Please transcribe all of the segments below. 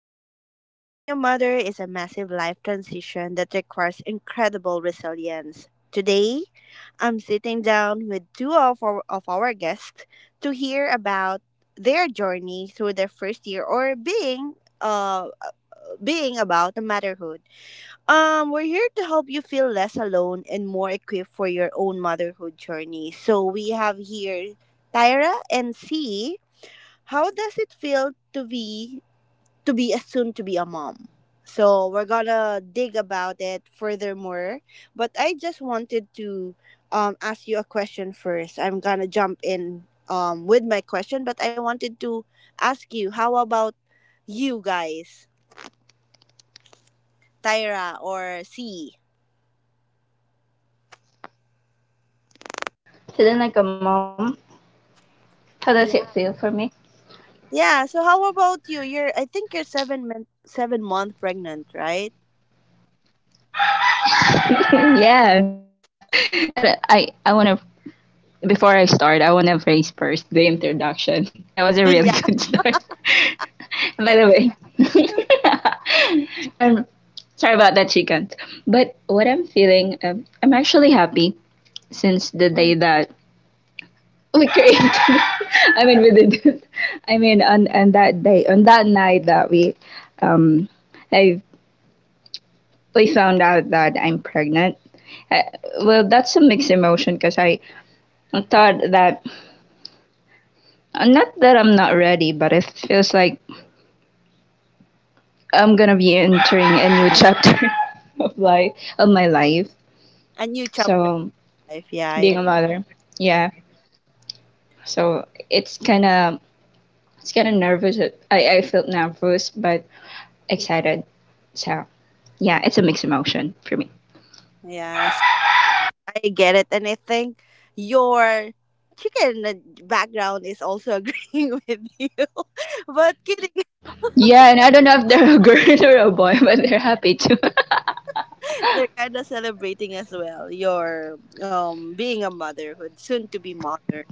everyone! Becoming a mother is a massive life transition that requires incredible resilience. Today, I'm sitting down with two of our guests to hear about their journey through their first year or being uh being about the motherhood. We're here to help you feel less alone and more equipped for your own motherhood journey. So we have here Tyra and C. How does it feel to be a soon to be a mom. So we're gonna dig about it furthermore. But I just wanted to ask you a question first. I'm gonna jump in with my question, but I wanted to ask you how about you guys, Tyra or C? Sitting like a mom. Yeah. How does it feel for Yeah. me? So how about you? You're I think you're 7 month pregnant, right? yes. And I want to, before I start, I want to phrase first the introduction. That was a really good Yeah. start. By the way, I'm sorry about that chicken. But what I'm feeling, I'm actually happy since the day Mhm. that we created. I mean, we did it. I mean, on that day, on that night that we, um, I. we found out that I'm pregnant. Uh, well, that's a mixed emotion because I thought that, not that I'm not ready, but it feels like I'm gonna be entering a new chapter of life, of my life. A new chapter So in life. Yeah. being I- a mother, yeah. So it's kind of, it's kind of nervous. I felt nervous but excited. So yeah, it's a mixed emotion for me. Yeah. I get it, and I think your chicken background is also agreeing with you. But kidding, Yeah, and I don't know if they're a girl or a boy, but they're happy too. they're kind of celebrating as well your being a motherhood, soon to be mother.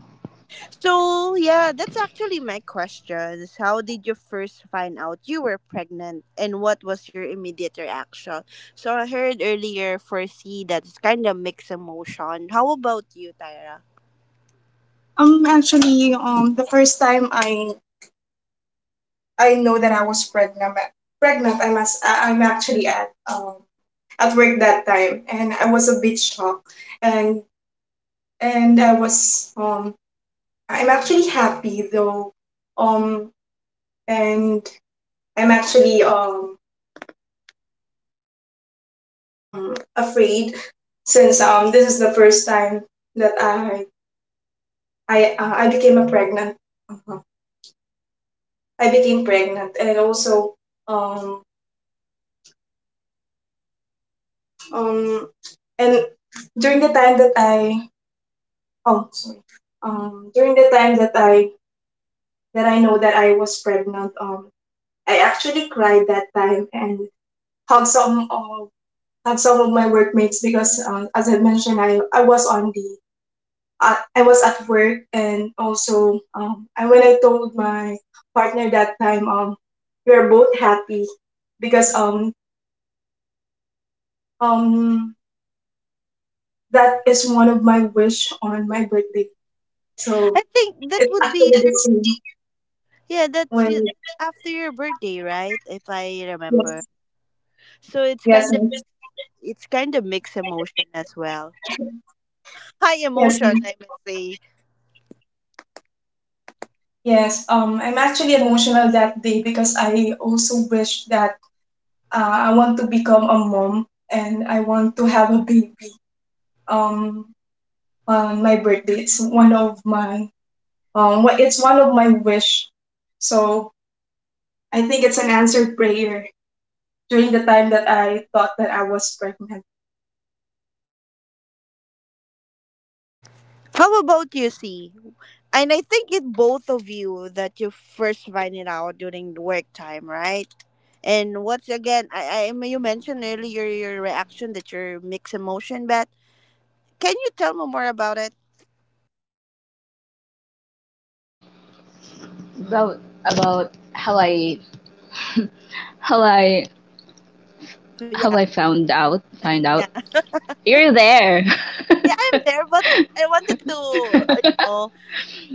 So yeah, that's actually my question. Is how did you first find out you were pregnant, and what was your immediate reaction? So I heard earlier for C that's kind of mixed emotion. How about you, Tyra? Actually, the first time I know that I was pregnant, I'm actually at work that time, and I was a bit shocked, and and I was um I'm actually happy though, um, and I'm actually afraid since this is the first time that I became a uh, I became pregnant, and also um um and during the time that I oh sorry during the time that I know that I was pregnant. I actually cried that time and hugged some of hugged some of my workmates because, as I mentioned, I was at work, and also I when I told my partner that time, we are both happy because um that is one of my wish on my birthday. I So think that it's would actually be the same yeah, that's when. it. After your birthday, right? If I Yeah. remember. So Yes, ma'am. it's kind of mixed emotion as well. High Yes, emotion, ma'am. I must say. Yes. I'm actually emotional that day because I also wish that, I want to become a mom and I want to have a baby. Um, on my birthday, it's one of my what it's one of my wish. So I think it's an answered prayer during the time that I thought that I was pregnant. How about you, C? And I think it both of you that you first find it out during the work time, right? And what's again, I mean, you mentioned earlier your reaction that you're mixed emotion, but can you tell me more about it? about about how I, how I Yeah, how I found out, find yeah, out, you're there. yeah. I'm there, but I wanted to, you know,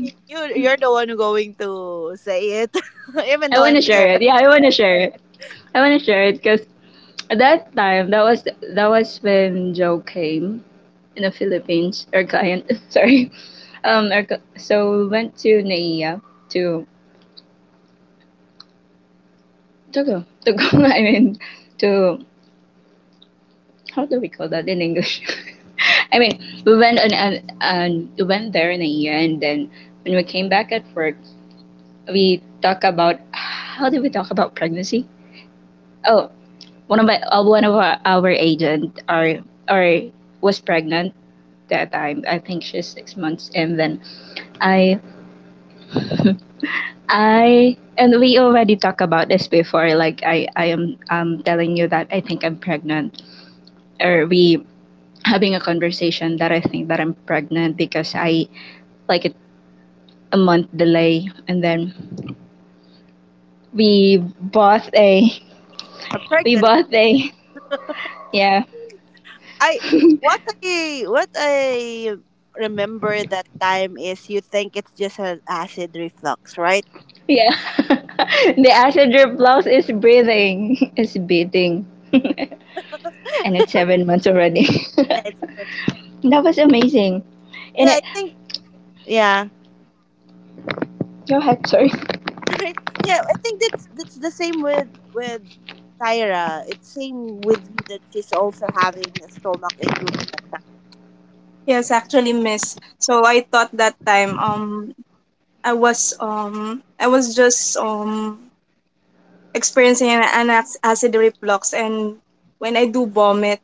you you're the one who going to say it, I even though want to I'm share there. it. Yeah, I want to share it. I want to share it because at that time, that was when Joe came in the Philippines. Our client, sorry, so we went to Naiya to, go. I mean, to, how do we call that in English? I mean, we went and we went there in a year, and then when we came back at work, we talk about, how did we talk about pregnancy? Oh, one of our agent are was pregnant that time. I think she's 6 months, and then I, I and we already talked about this before. Like, I I am telling you that I think I'm pregnant, or we having a conversation that I think that I'm pregnant because I, like, it a month delay, and then we bought a, A we pregnancy bought test. a, yeah, I what I what I remember that time is you think it's just an acid reflux, right? yeah the passenger blouse is breathing, is beating, and it's 7 months already. Yeah, that it's already. was amazing. Yeah, And it, I think yeah. go ahead, sorry. Sorry. Yeah, I think that's that's the same with Tyra. It's same with you that she's also having a stomach ache during that time. Yes, actually, miss. So I thought that time, I was just experiencing acid reflux and when I do vomit,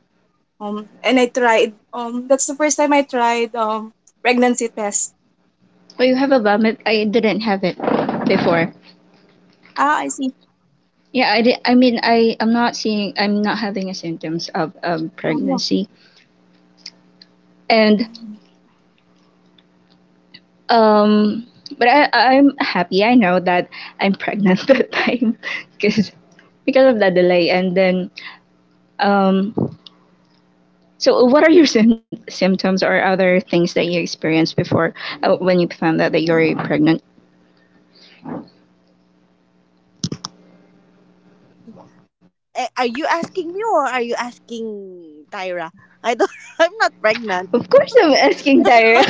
and I tried that's the first time I tried pregnancy test. Oh, you have a vomit, I didn't have it before. Ah, I see. Yeah, I did. I mean, I'm not seeing, I'm not having a symptoms of Oh. pregnancy, and um but I'm happy I know that I'm pregnant that time, because because of that delay, and then um so what are your symptoms or other things that you experienced before, when you found out that you're pregnant? Eh, are you asking me or are you asking Tyra? I don't. I'm not pregnant. Of course I'm asking Tyra,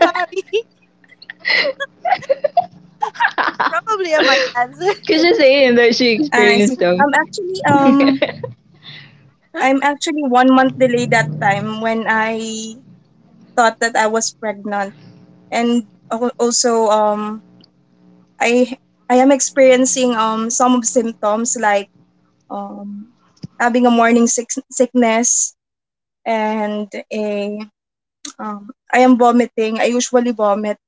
Sorry. Probably I might answer. because she's saying that she I see. experienced those. I'm actually 1 month delayed that time when I thought that I was pregnant, and also I I am experiencing some symptoms like um having a morning sickness and a. I am vomiting. I usually vomit.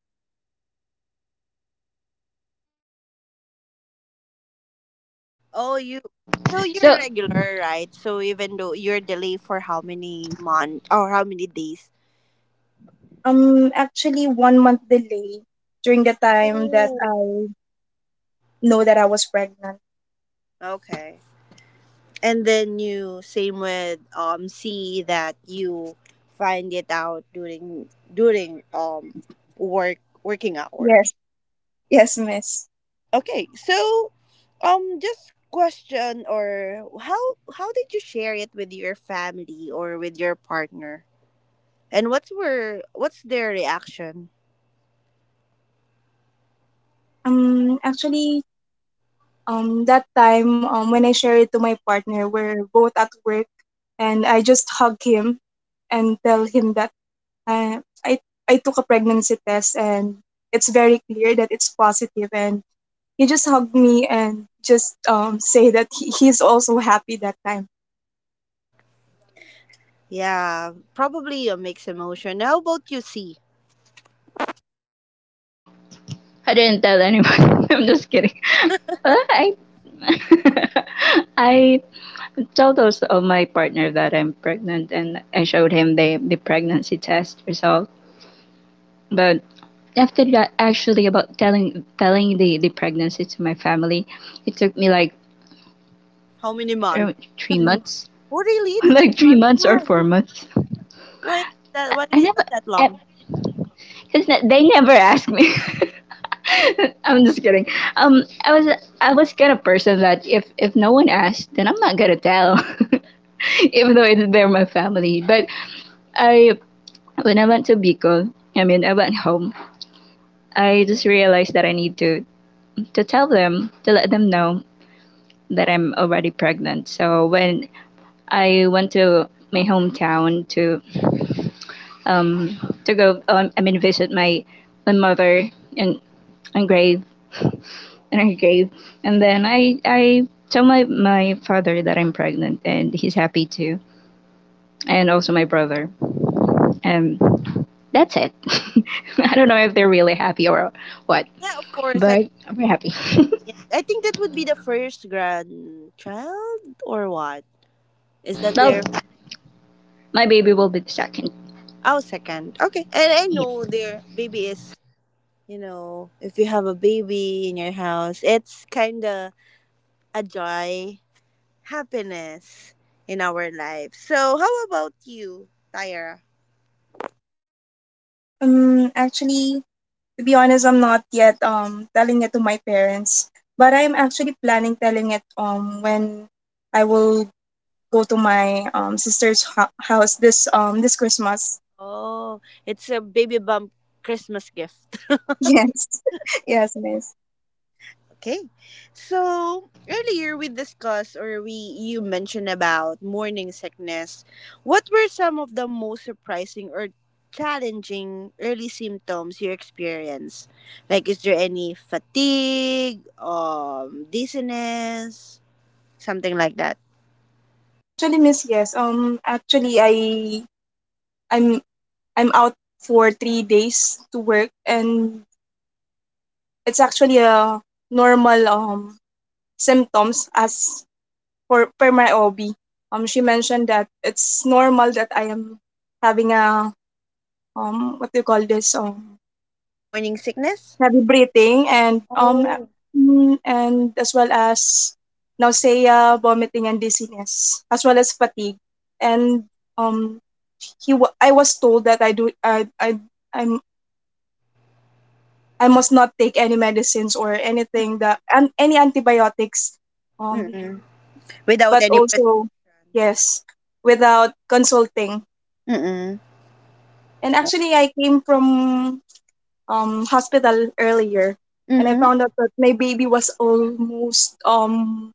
Oh, you. So you're so regular, right? So even though you're delayed for how many month or how many days? Actually, 1 month delay during the time that Ooh. I know that I was pregnant. Okay. And then you same with C that you find it out during work working Yes, hours. yes, miss. Okay, so just question or how did you share it with your family or with your partner? And what's were what's their reaction? Actually, that time, when I shared it to my partner, we're both at work, and I just hug him and tell him that, uh, I I took a pregnancy test, and it's very clear that it's positive, and he just hugged me and just, say that he's also happy that time. Yeah, probably a mixed emotion. How about you, see? I didn't tell anyone. I'm just kidding. I, I told also of my partner that I'm pregnant, and I showed him the pregnancy test result. But after that, actually, about telling the pregnancy to my family, it took me like How many months? 3 months, Oh, really? It's three like three months. months or Why? 4 months. Why that? I Why never. that I, long? Since they never asked me. I'm just kidding. I was, I was kind of person that if no one asked, then I'm not gonna tell, even though it's, they're my family. But I, when I went to Bicol, I mean, I went home. I just realized that I need to tell them, to let them know that I'm already pregnant. So when I went to my hometown to, um, to go. I mean, visit my my mother in in grave, in her grave, and then I tell my my father that I'm pregnant, and he's happy too, and also my brother, and that's it. I don't know if they're really happy or what, Yeah, of course. I but we're happy. yeah, I think that would be the first grandchild or what? Is that so their? my baby will be the second. Oh, second. Okay, and I Yeah, know their baby is. You know, if you have a baby in your house, it's kind of a joy happiness in our life. So, how about you, Tyra? Actually, to be honest, I'm not yet telling it to my parents, but I'm actually planning telling it when I will go to my house this this Christmas. Oh, it's a baby bump Christmas gift. Yes, yes, miss. Okay. So, earlier we discussed or we you mentioned about morning sickness. What were some of the most surprising or challenging early symptoms you experienced? Like is there any fatigue, dizziness, something like that? Actually, miss, yes. Actually, I'm I'm out for 3 days to work, and it's actually a normal symptoms as for per my OB. She mentioned that it's normal that I am having a, what do you call this Morning sickness? heavy breathing, Oh. And as well as nausea, vomiting, and dizziness, as well as fatigue. And um, I was told that I do I I'm I must not take any medicines or anything that and any antibiotics. Um, Mm-mm. Without but any prescription. also, yes, without consulting. Mm-mm. And actually, I came from, hospital earlier, and I Mm-hmm. found out that my baby was almost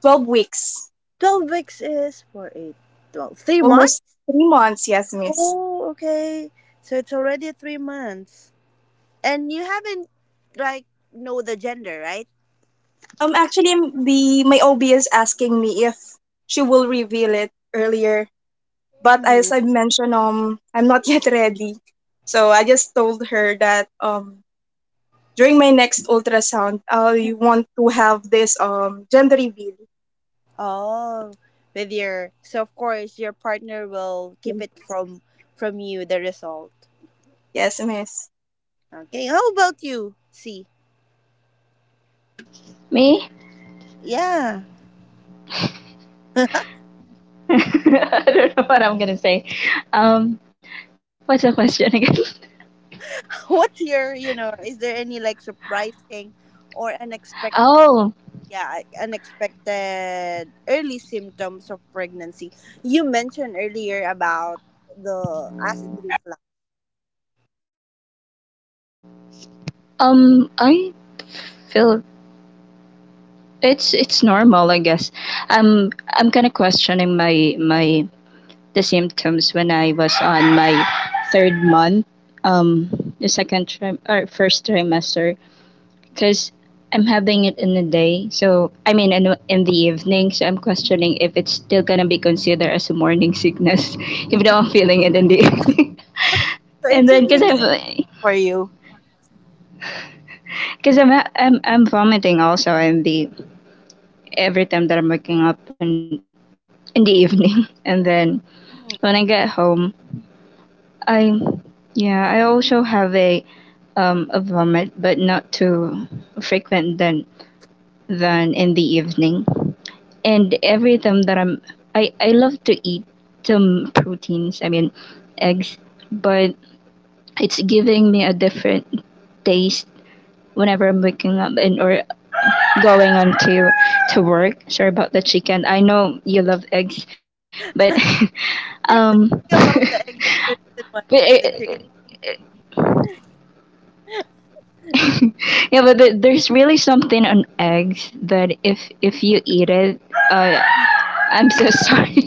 12 weeks, 12 weeks is 4, 8, 12. Three almost months? 3 months. Yes, miss. Oh, okay. So it's already 3 months. And you haven't, like, know the gender, right? Actually, m- the my OB is asking me if she will reveal it earlier, but Mm. as I mentioned, I'm not yet ready. So I just told her that, during my next ultrasound, I want to have this gender reveal. Oh, with your, so of course your partner will keep it from you, the result. Yes, miss. Okay, how about you, See. me. Yeah. I don't know what I'm gonna say. Um, what's the question again? What's your, you know, is there any, like, surprising or unexpected Oh, yeah I- unexpected early symptoms of pregnancy you mentioned earlier about the acid reflux I feel it's normal, I guess. I'm kind of questioning my my the symptoms when I was on my third month, um, the second trim or first trimester, because I'm having it in the day. So I mean, in the evening. So I'm questioning if it's still gonna be considered as a morning sickness, even though I'm feeling it in the evening. so it's And then, cause sibling same for you. I'm I'm vomiting also in the, every time that I'm waking up in the evening. And then Mhm. when I get home, I, yeah, I also have a vomit, but not too frequent than in the evening. And every time that I'm, I love to eat some proteins, I mean eggs, but it's giving me a different taste whenever I'm waking up and or going on to work. Sorry about the chicken. I know you love eggs, but You're but talking about the egg that's the reason why the it, chicken yeah, but the, there's really something on eggs that if you eat it, uh, I'm so sorry.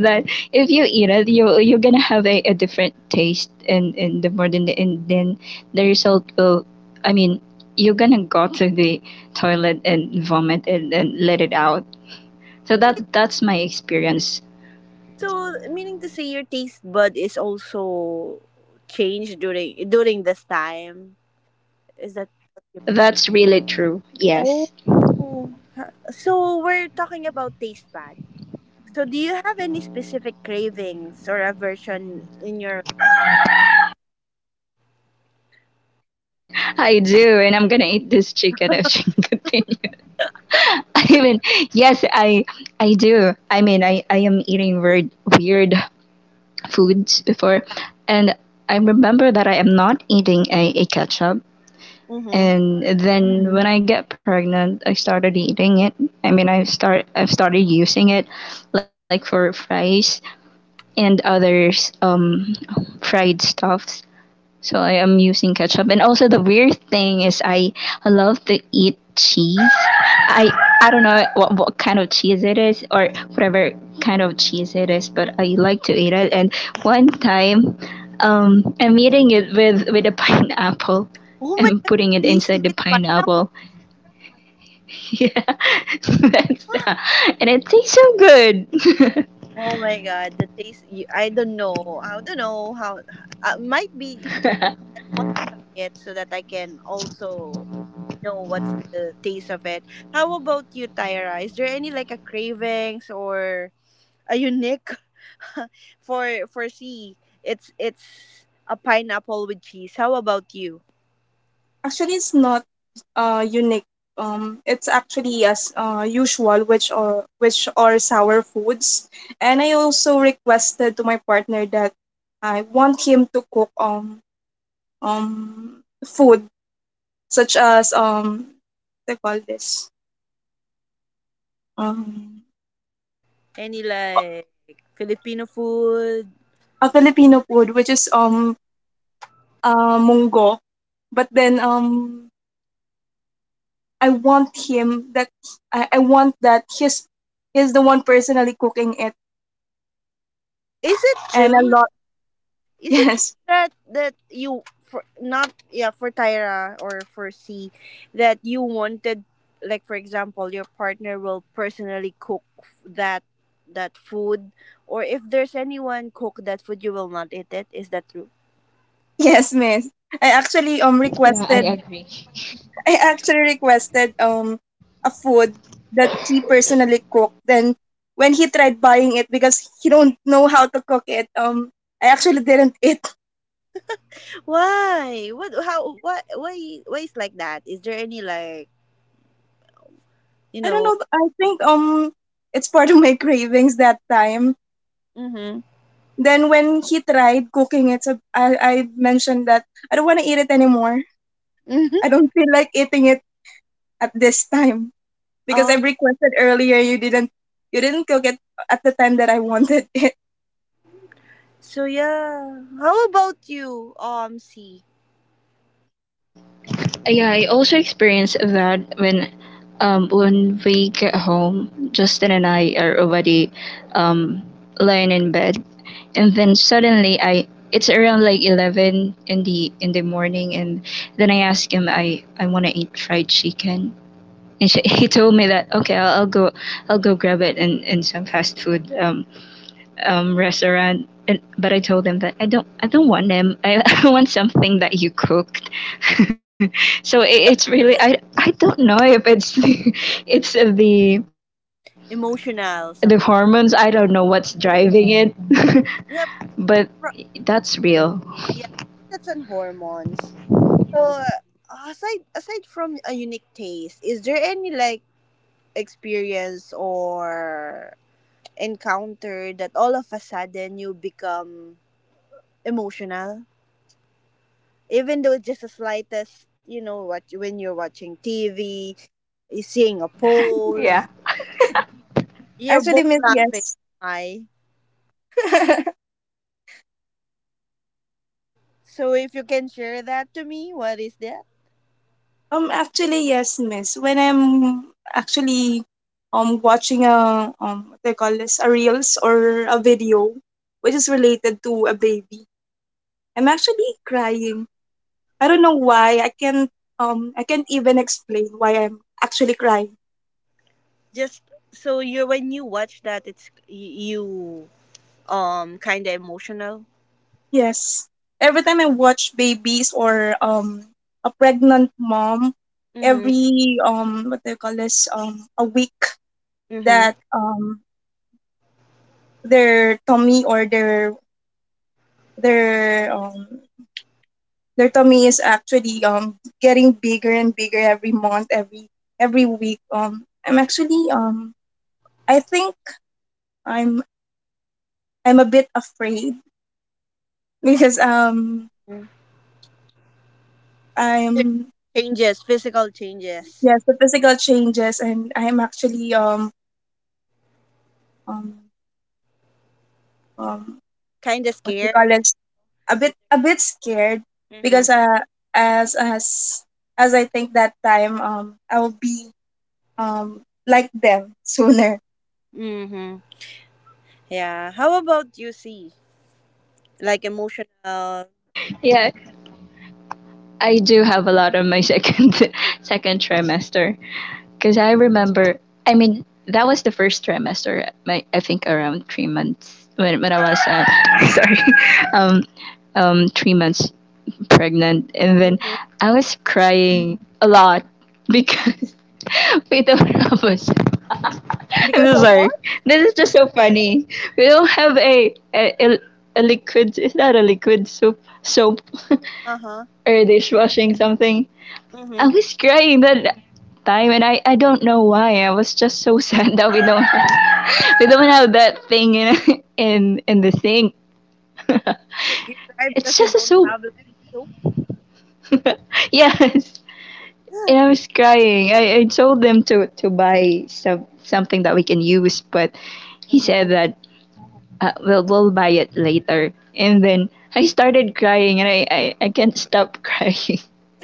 That if you eat it, you, you're gonna have a different taste, and the more than, and then the result will, I mean, you're gonna go to the toilet and vomit and let it out. So so it's that, that's my experience. so meaning to say your taste bud is also changed during this time is that That's really true. oh Yes. so we're talking about taste buds. So, do you have any specific cravings or aversion in your I do, and I'm gonna eat this chicken if she continues. I mean, yes, I do. I mean, I am eating weird weird foods before, life? and I remember that I am not eating a ketchup. Mm-hmm. And then when I get pregnant, I started eating it. I mean, I've started using it, like for fries and others fried stuffs. So I am using ketchup. And also the weird thing is, I love to eat cheese. I I don't know what kind of cheese it is, or whatever kind of cheese it is, but I like to eat it. And one time, I'm eating it with a pineapple. Oh my I'm god, putting it cheese inside the with pineapple. pineapple. Yeah, that's, and it tastes so good. Oh my god, the taste. You, I don't know. I don't know how. Might be. I want to try it so that I can also know what's the taste of it. How about you, Tyra? Is there any like a cravings or a unique for C? It's a pineapple with cheese. How about you? Actually, it's not, unique. It's actually as, usual, which are sour foods. And I also requested to my partner that I want him to cook um food, such as what they call this um Any like Filipino food? a Filipino food, which is munggo. But then I want him that I want that he's the one personally cooking it, Is it and a true? lot. Is it true Yes. that you for not yeah for Tyra or for C that you wanted like for example your partner will personally cook that that food or if there's anyone cook that food you will not eat it is that true Yes, miss. I actually um yeah, requested I agree. I actually requested a food that he personally cooked. Then when he tried buying it because he don't know how to cook it, I actually didn't eat. why what how what why is like that is there any like you I don't know know. I think it's part of my cravings that time. mm-hmm. Then when he tried cooking it, so I mentioned that I don't want to eat it anymore. Mm-hmm. I don't feel like eating it at this time, because I requested earlier. You didn't cook it at the time that I wanted it. So yeah, how about you, C? Yeah, I also experienced that when, when we get home, Justin and I are already, um, lying in bed, and then suddenly I, it's around like 11 in the morning, and then I asked him, I want to eat fried chicken, and she, he told me that, okay, I'll go, I'll go grab it in some fast food restaurant, and, but I told them that I don't, I don't want them. I, I want something that you cooked. so it, it's really, I don't know if it's, it's the Emotional, some. hormones. I don't know what's Eh, driving it, yeah, but pro- that's real. yeah, that's on hormones. So aside from a unique taste, is there any like experience or encounter that all of a sudden you become emotional? Even though it's just the slightest, you know, what when you're watching TV, eh, seeing a post, Yeah. you're Actually, both miss, laughing. yes. Why? So if you can share that to me, what is that? Actually, yes, miss. When I'm actually watching a, what they call this a reels or a video which is related to a baby, I'm actually crying. I don't know why. I can't even explain why I'm actually crying. Just so you when you watch that, it's you kind of emotional. Yes. Every time I watch babies or a pregnant mom, Mhm. every what do you call this a week, Mhm. that their tummy or their their um their tummy is actually getting bigger and bigger every month, every week. I'm actually, I think I'm I'm a bit afraid because, Mm. There- I'm Changes, physical changes. yes, the physical changes, and I'm actually um um Kind of what we call scared. it a bit scared, because, Mhm. As as as I think that time I will be um like them sooner. Mhm. Yeah. How about you see like emotional? Yeah, I do have a lot on my second, second trimester, because I remember. I mean, that was the first trimester. My, I think around 3 months when I was sorry, um, 3 months pregnant, and then Mhm. I was crying a lot because, we don't have a. I'm so Because of what? sorry. This is just so funny. We don't have a, a liquid. Is that a liquid soap? Soap. Uh huh. or dishwashing something. I Mhm. was crying that time, and I don't know why. I was just so sad that we don't have, we don't have that thing in, in the sink. You cry it's because you just a don't soap. have like soup. yes, and I was crying. I told them to buy some something that we can use, but he Mhm. said that, we'll buy it later. And then I started crying, and I, I can't stop crying.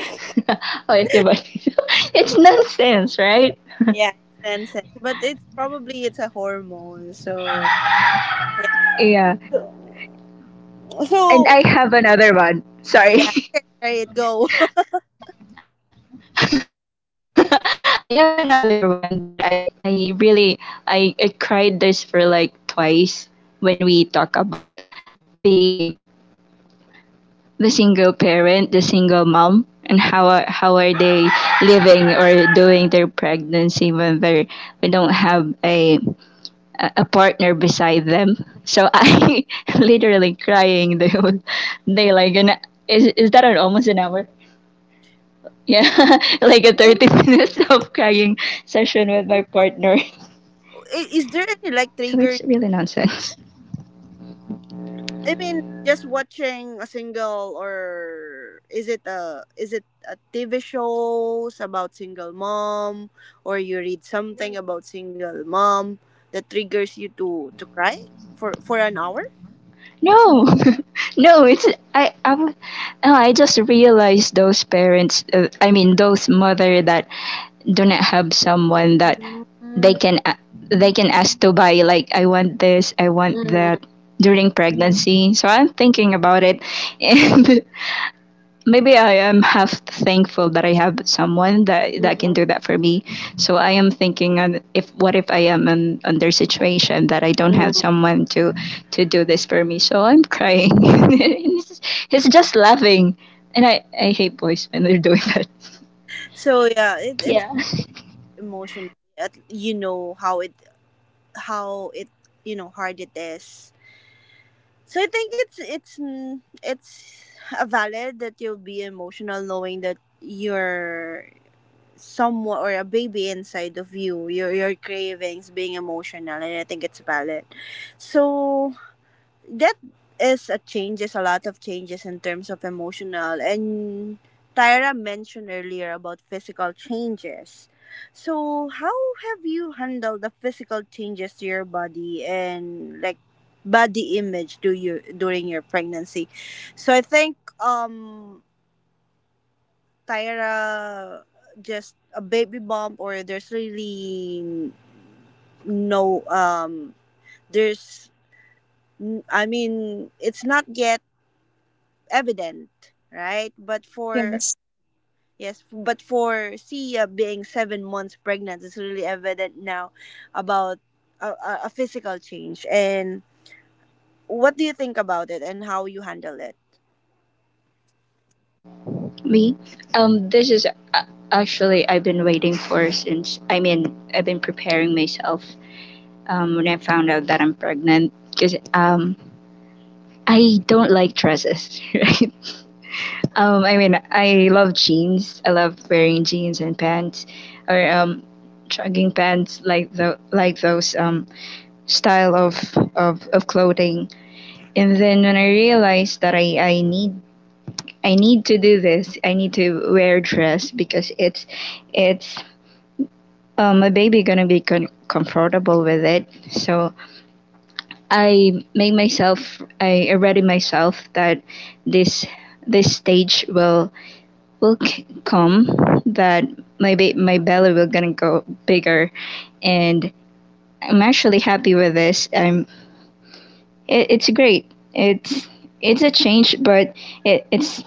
oh, it's a bunny. it's nonsense, right? Yeah, it's nonsense. But it's probably it's a hormone, so yeah. Yeah. So, And so, I have another one. Sorry. yeah, you can try it. Go. I have another one that I really, I cried this for like twice when we talk about the the single parent, the single mom, and how are they living or doing their pregnancy when they are, they don't have a partner beside them. So I literally crying the whole day. Like, and is that an almost an hour? Yeah, like a 30 Almost. minutes of crying session with my partner. Is there any like trigger? So it's really nonsense. I mean, just watching a single, or is it a TV shows about single mom, or you read something about single mom that triggers you to cry for an hour? No, no, it's, I I w- Oh, I just realized those parents, I mean, those mother that do not have someone that Mm, they can a-, they can ask to buy, like, I want this, I want mhm, that, during pregnancy. So I'm thinking about it, and maybe I am half thankful that I have someone that, mhm, that can do that for me. So I am thinking on, if what if I am in under situation that I mhm. don't have someone to do this for me. So I'm crying. And he's, just- he's just laughing, and I hate boys when they're doing that. So yeah, it's Yeah, emotional. At, you know how it you know hard it is. So I think it's it's a valid that you'll be emotional knowing that you're someone or a baby inside of you, your cravings being emotional, and I think it's valid. So that is a changes a lot of changes in terms of emotional and Tyra mentioned earlier about physical changes. So how have you handled the physical changes to your body and like body image do you during your pregnancy? So I think Tyra just a baby bump or there's really no there's I mean it's not yet evident, right? But for Yes. yes, but for Sia being 7 months pregnant, it's really evident now about a physical change. And what do you think about it, and how you handle it? me. This is uh, actually I've been waiting for since. I mean, I've been preparing myself. When I found out that I'm pregnant, because I don't like dresses, right? I mean, I love jeans. I love wearing jeans and pants, or jogging pants, like the like those style of of clothing. And then when I realized that I need I need to do this, I need to wear dress because it's my baby gonna be comfortable with it. So I ready myself that this this stage will come that my belly will gonna go bigger and I'm actually happy with this. I'm It's great. It's a change but it, it's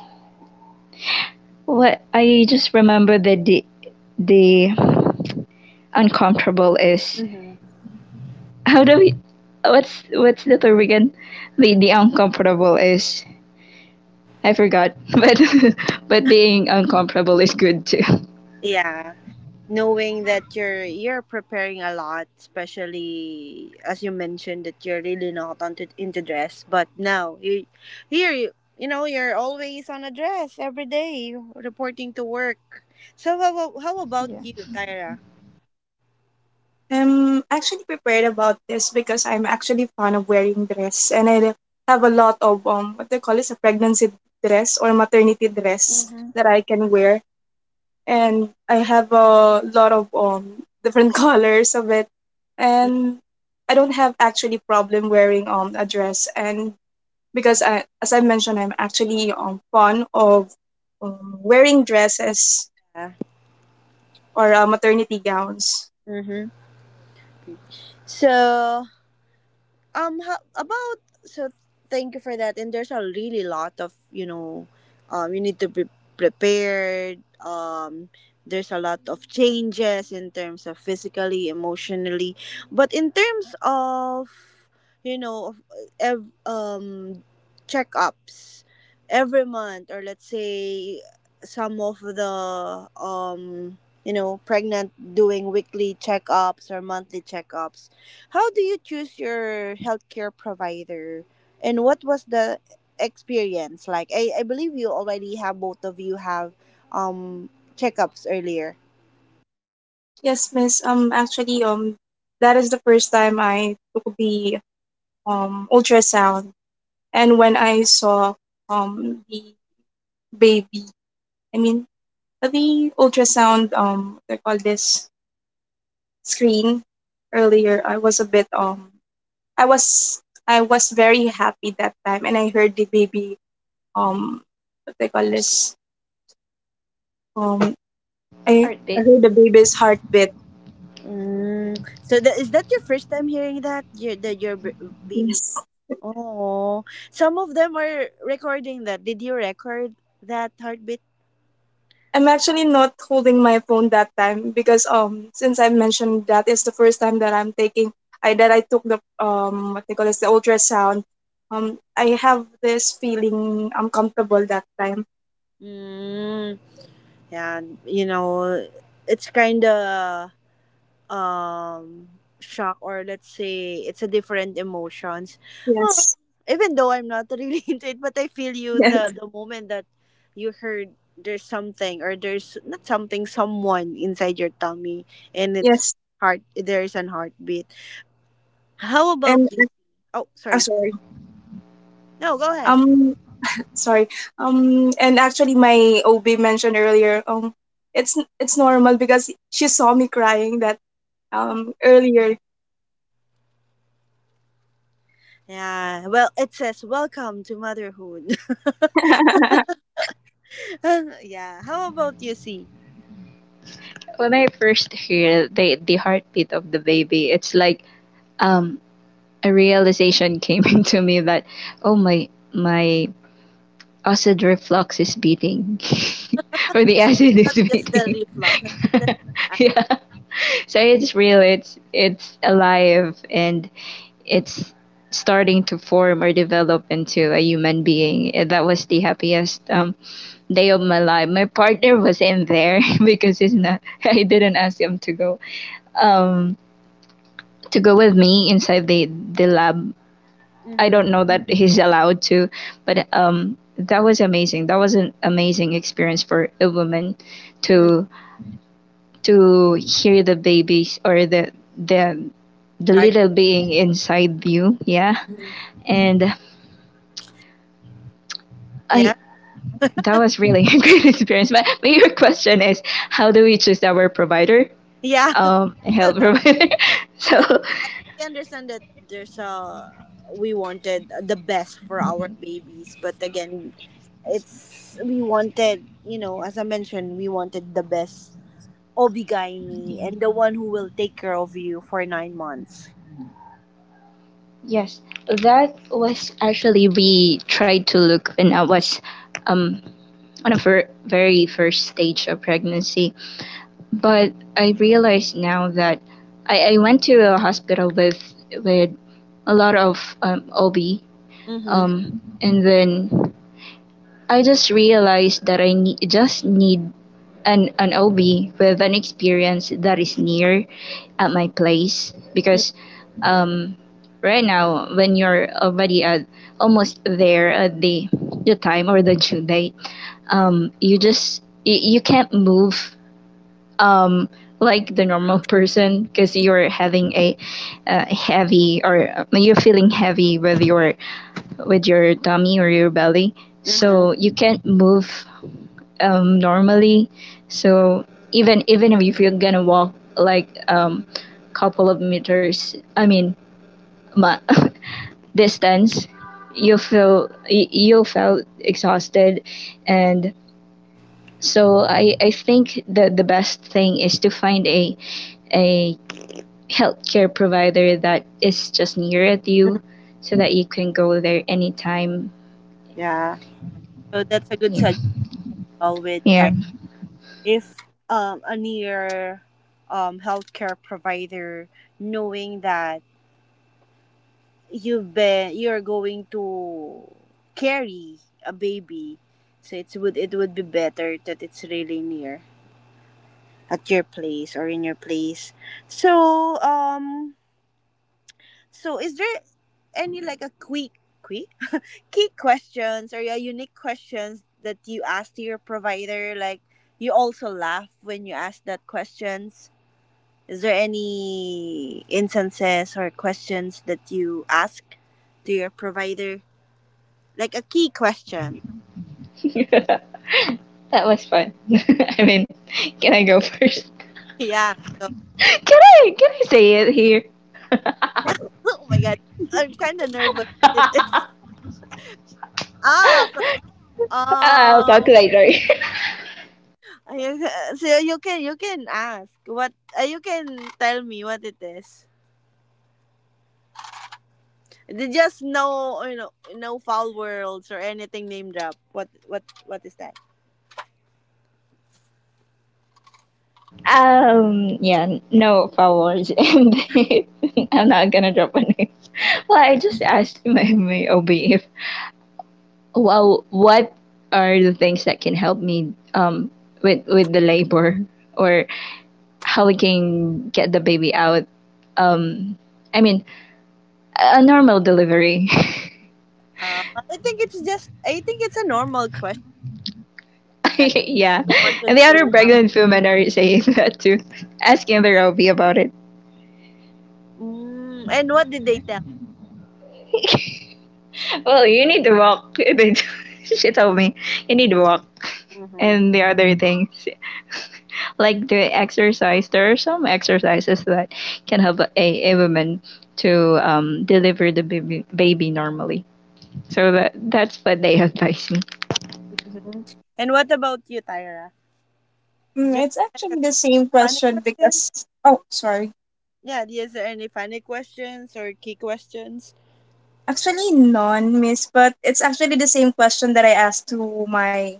what I just remember that the uncomfortable is Hmm. how do we what's the term again? The uncomfortable is I forgot, but but being uncomfortable is good too. Yeah. Knowing that you're preparing a lot, especially as you mentioned that you're really not onto, into dress but now you here you you know you're always on a dress every day reporting to work. So how about Yeah, you Tyra. I'm actually prepared about this because I'm actually fond of wearing dress, and I have a lot of what they call is a pregnancy dress or maternity dress Mm-hmm. that I can wear, and I have a lot of different colors of it, and I don't have actually problem wearing a dress, and because, as I mentioned, I'm actually fond of, wearing dresses Yeah. or, maternity gowns. Mm-hmm. So how, about so thank you for that and there's a really lot of you know you need to be prepared there's a lot of changes in terms of physically emotionally but in terms of you know of ev- um checkups every month or let's say some of the um you know pregnant doing weekly checkups or monthly checkups how do you choose your healthcare provider? And what was the experience like? I believe you already have both of you have um checkups earlier. Yes, miss. Actually, that is the first time I took the ultrasound, and when I saw the baby, I mean the ultrasound, what they call this screen earlier. I was I was very happy that time, and I heard the baby, um what they call this um I heartbeat. heard the baby's heartbeat. Mm. So that is that your first time hearing that? Your the your baby. Yes. Oh, some of them are recording that. Did you record that heartbeat? I'm actually not holding my phone that time, because, since I mentioned that is the first time that I took the, what they call this the ultrasound. I have this feeling uncomfortable that time. Mm. Yeah, you know, it's kind of um shock or let's say it's a different emotions oh, Yes. even though I'm not really into it but I feel you Yes. The moment that you heard there's something or there's not something someone inside your tummy and it's Yes. heart there's an heartbeat how about And, you oh I'm sorry sorry. no go ahead. Um Sorry. And actually, my OB mentioned earlier. It's normal, because she saw me crying that, Oh. Earlier. Yeah well it says welcome to motherhood. Yeah how about you see When I first hear the heartbeat of the baby, it's like um a realization came into me that oh my acid reflux is beating or the acid is not just the beating. reflux that's just Yeah, so it's real, it's alive and it's starting to form or develop into a human being. And that was the happiest day of my life. My partner was in there because he's the- not. I didn't ask him um to go with me inside the lab. I Mhm. don't know that he's allowed to, but that was amazing. That was an amazing experience for a woman Mhm. to to hear the babies or the the little being inside you. Yeah, Mhm. and I, Yeah, that was really a great experience. But your question is, how do we choose our provider? yeah, but Health but provider. So. but I understand that there's a we wanted the best for our Mhm, babies, but again, it's we wanted you know as I mentioned, we wanted the best obigaimi yeah. and the one who will take care of you for 9 months. Yes, that was actually we tried to look when I was um on a very first stage of pregnancy. But I realize now that I went to a hospital with with a lot of OB, Mm-hmm. And then I just realized that just need an OB with an experience that is near at my place because right now when you're already at almost there at the time or the due date, you just you can't move, um, like the normal person, because you're having a heavy or you're feeling heavy with your tummy or your belly, Mm-hmm. so you can't move, normally. So even even if you're gonna walk like couple of meters, I mean ma- distance, you felt exhausted. And so I think that the best thing is to find a healthcare provider that is just near at you, so that you can go there anytime. Yeah, so that's a good Yeah. suggestion with Yeah. time. If a near healthcare provider, knowing that you're going to carry a baby, so it would be better that it's really near at your place or in your place. So um so is there any like a quick key questions, or yeah, unique questions that you ask to your provider? Like, you also laugh when you ask that questions. Is there any instances or questions that you ask to your provider? Like a key question. That was fun. I mean, can I go first? Yeah. Go. Can I say it here? Oh my god. I'm kind of nervous. With Ah, fr- I'll talk um, later. you- so you can ask what, you can tell me what it is. They just, no, you know, no foul worlds or anything, name drop. What is that? Yeah, no followers and I'm not gonna drop a name. Well, I just asked my OB if, well, what are the things that can help me with the labor or how we can get the baby out. Um, I mean, a normal delivery. I think it's just, I think it's a normal question. Right? Yeah. You wanted And the other to have. pregnant women are saying that too, asking the Robbie about it. Mm, and what did they tell? Well, you need to walk. She told me, you need to walk. Mm-hmm. And the other things, like the exercise, there are some exercises that can help a woman to deliver the baby, baby normally. So that's what they advise me. Mm-hmm. And what about you, Tyra? Is Mm, there it's like a actually the same funny question because. questions? Oh, sorry. Yeah, is there any funny questions or key questions? Actually none, miss, but it's actually the same question that I asked to my,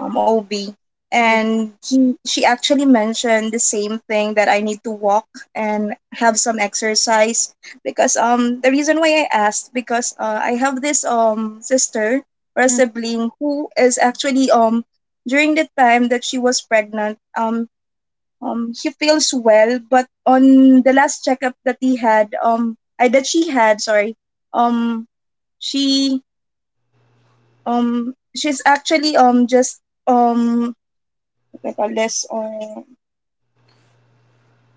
OB, Mm, and he she actually mentioned the same thing, that I need to walk and have some exercise, because the reason why I asked, because, I have this sister or a mm. sibling who is actually during the time that she was pregnant, she feels well, but on the last checkup that he had, that she had, sorry, um she she's actually just um what I call uh,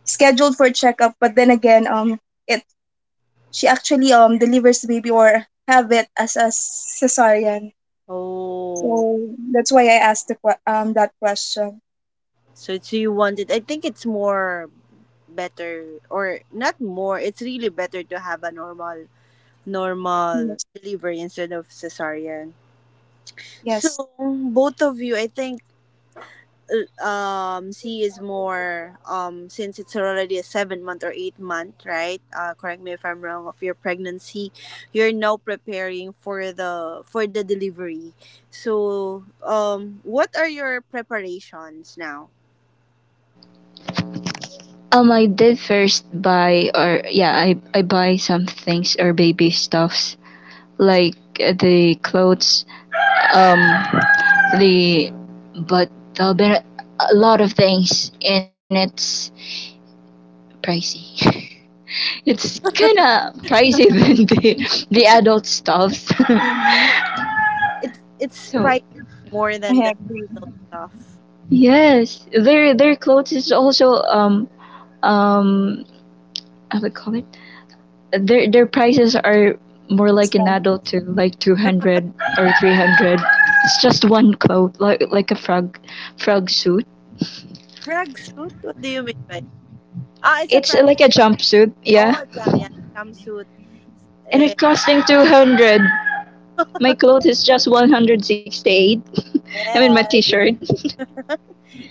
scheduled for checkup, but then again it she actually delivers the baby or have it as a cesarean, Oh, so that's why I asked that question. so it's you wanted. I think it's more better, or not more, it's really better to have a normal Yes. delivery instead of cesarean. So Yes, both of you, I think she is more since it's already a 7 month or 8 month, right? Correct me if I'm wrong, of your pregnancy. You're now preparing for the delivery. So what are your preparations now? I did first buy, or yeah, I buy some things or baby stuffs like the clothes, um, the but there'll be a lot of things and it's pricey. It's kind of pricey than the adult stuffs. Mhm. It's So pricey more I than the agree. adult stuff. yes, their clothes is also um how do you call it, their prices are more like an Expensive. adult, to like 200 or 300. It's just one cloth, like a frog suit. Frag suit, what do you mean by, ah, it's a It's frag like suit? a jumpsuit, yeah. Oh, jam, yeah, jumpsuit. And it's Eh, costing 200. My clothes is just 168. I mean my yes. t-shirt.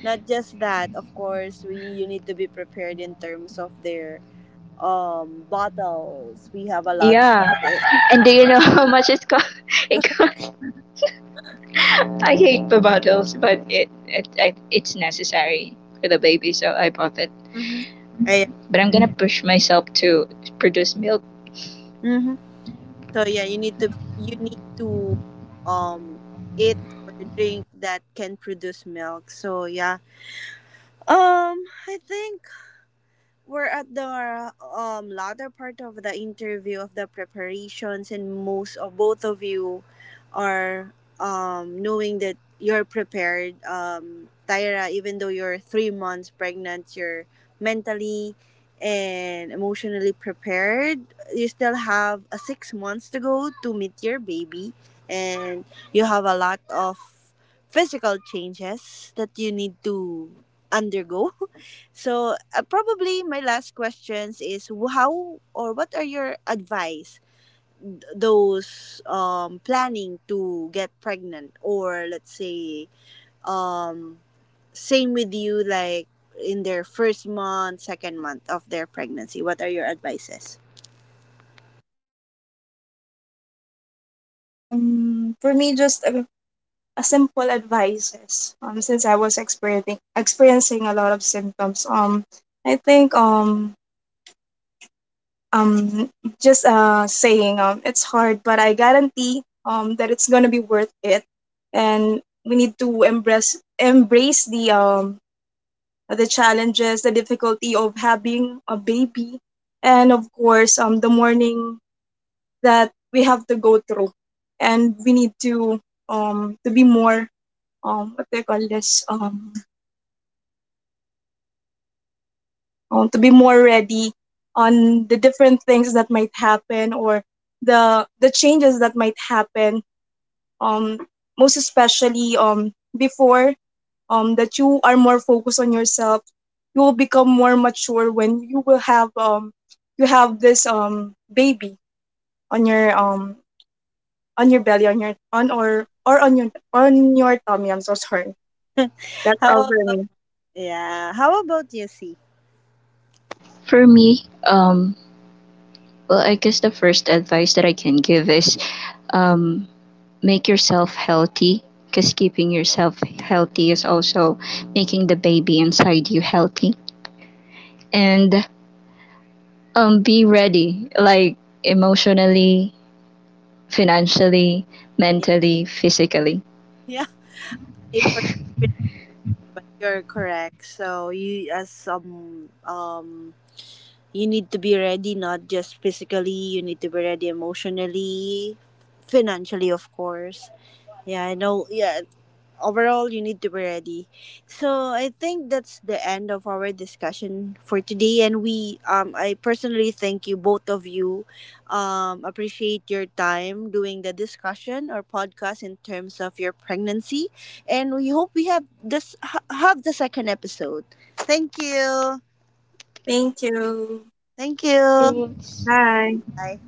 Not just that, of course, we, you need to be prepared in terms of their bottles. We have a lot. Yeah. And do you know how much it cost? It cost. I hate bottles, but it's necessary for the baby, so I bought it. Mhm. I- But I'm gonna push myself to produce milk. mhm. So yeah, you need to, you need to um eat or drink that can produce milk. So yeah. Um I think we're at the latter part of the interview of the preparations, and most of both of you are knowing that you're prepared. Tyra, even though you're 3 months pregnant, you're mentally and emotionally prepared. You still have a 6 months to go to meet your baby, and you have a lot of physical changes that you need to undergo. So, probably my last questions is how or what are your advice those planning to get pregnant, or let's say um, same with you like in their first month, second month of their pregnancy. What are your advices? For me, just a simple advices, since I was experiencing a lot of symptoms, I think, um just saying, it's hard but I guarantee that it's gonna be worth it, and we need to embrace the, challenges, the difficulty of having a baby, and of course the mourning that we have to go through, and we need to, to be more what do you call this to be more ready on the different things that might happen, or the changes that might happen, um, most especially, before, that you are more focused on yourself, you will become more mature when you have this, baby on your, belly, on your tummy. I'm so sorry. That's all How, for me. yeah, how about you, see? For me, well, I guess the first advice that I can give is, um, make yourself healthy, because keeping yourself healthy is also making the baby inside you healthy. And be ready, like emotionally, financially, Yeah. mentally, physically. Yeah. I forgot the pronunciation, but you're correct. So, you as some, you need to be ready, not just physically, you need to be ready emotionally, financially, of course. Yeah, I know, yeah. Overall, you need to be ready. So I think that's the end of our discussion for today, and we, I personally thank you both of you, appreciate your time doing the discussion or podcast in terms of your pregnancy, and we hope we have this have the second episode. Thank you. Thank you. Thank you. It's Bye. Bye.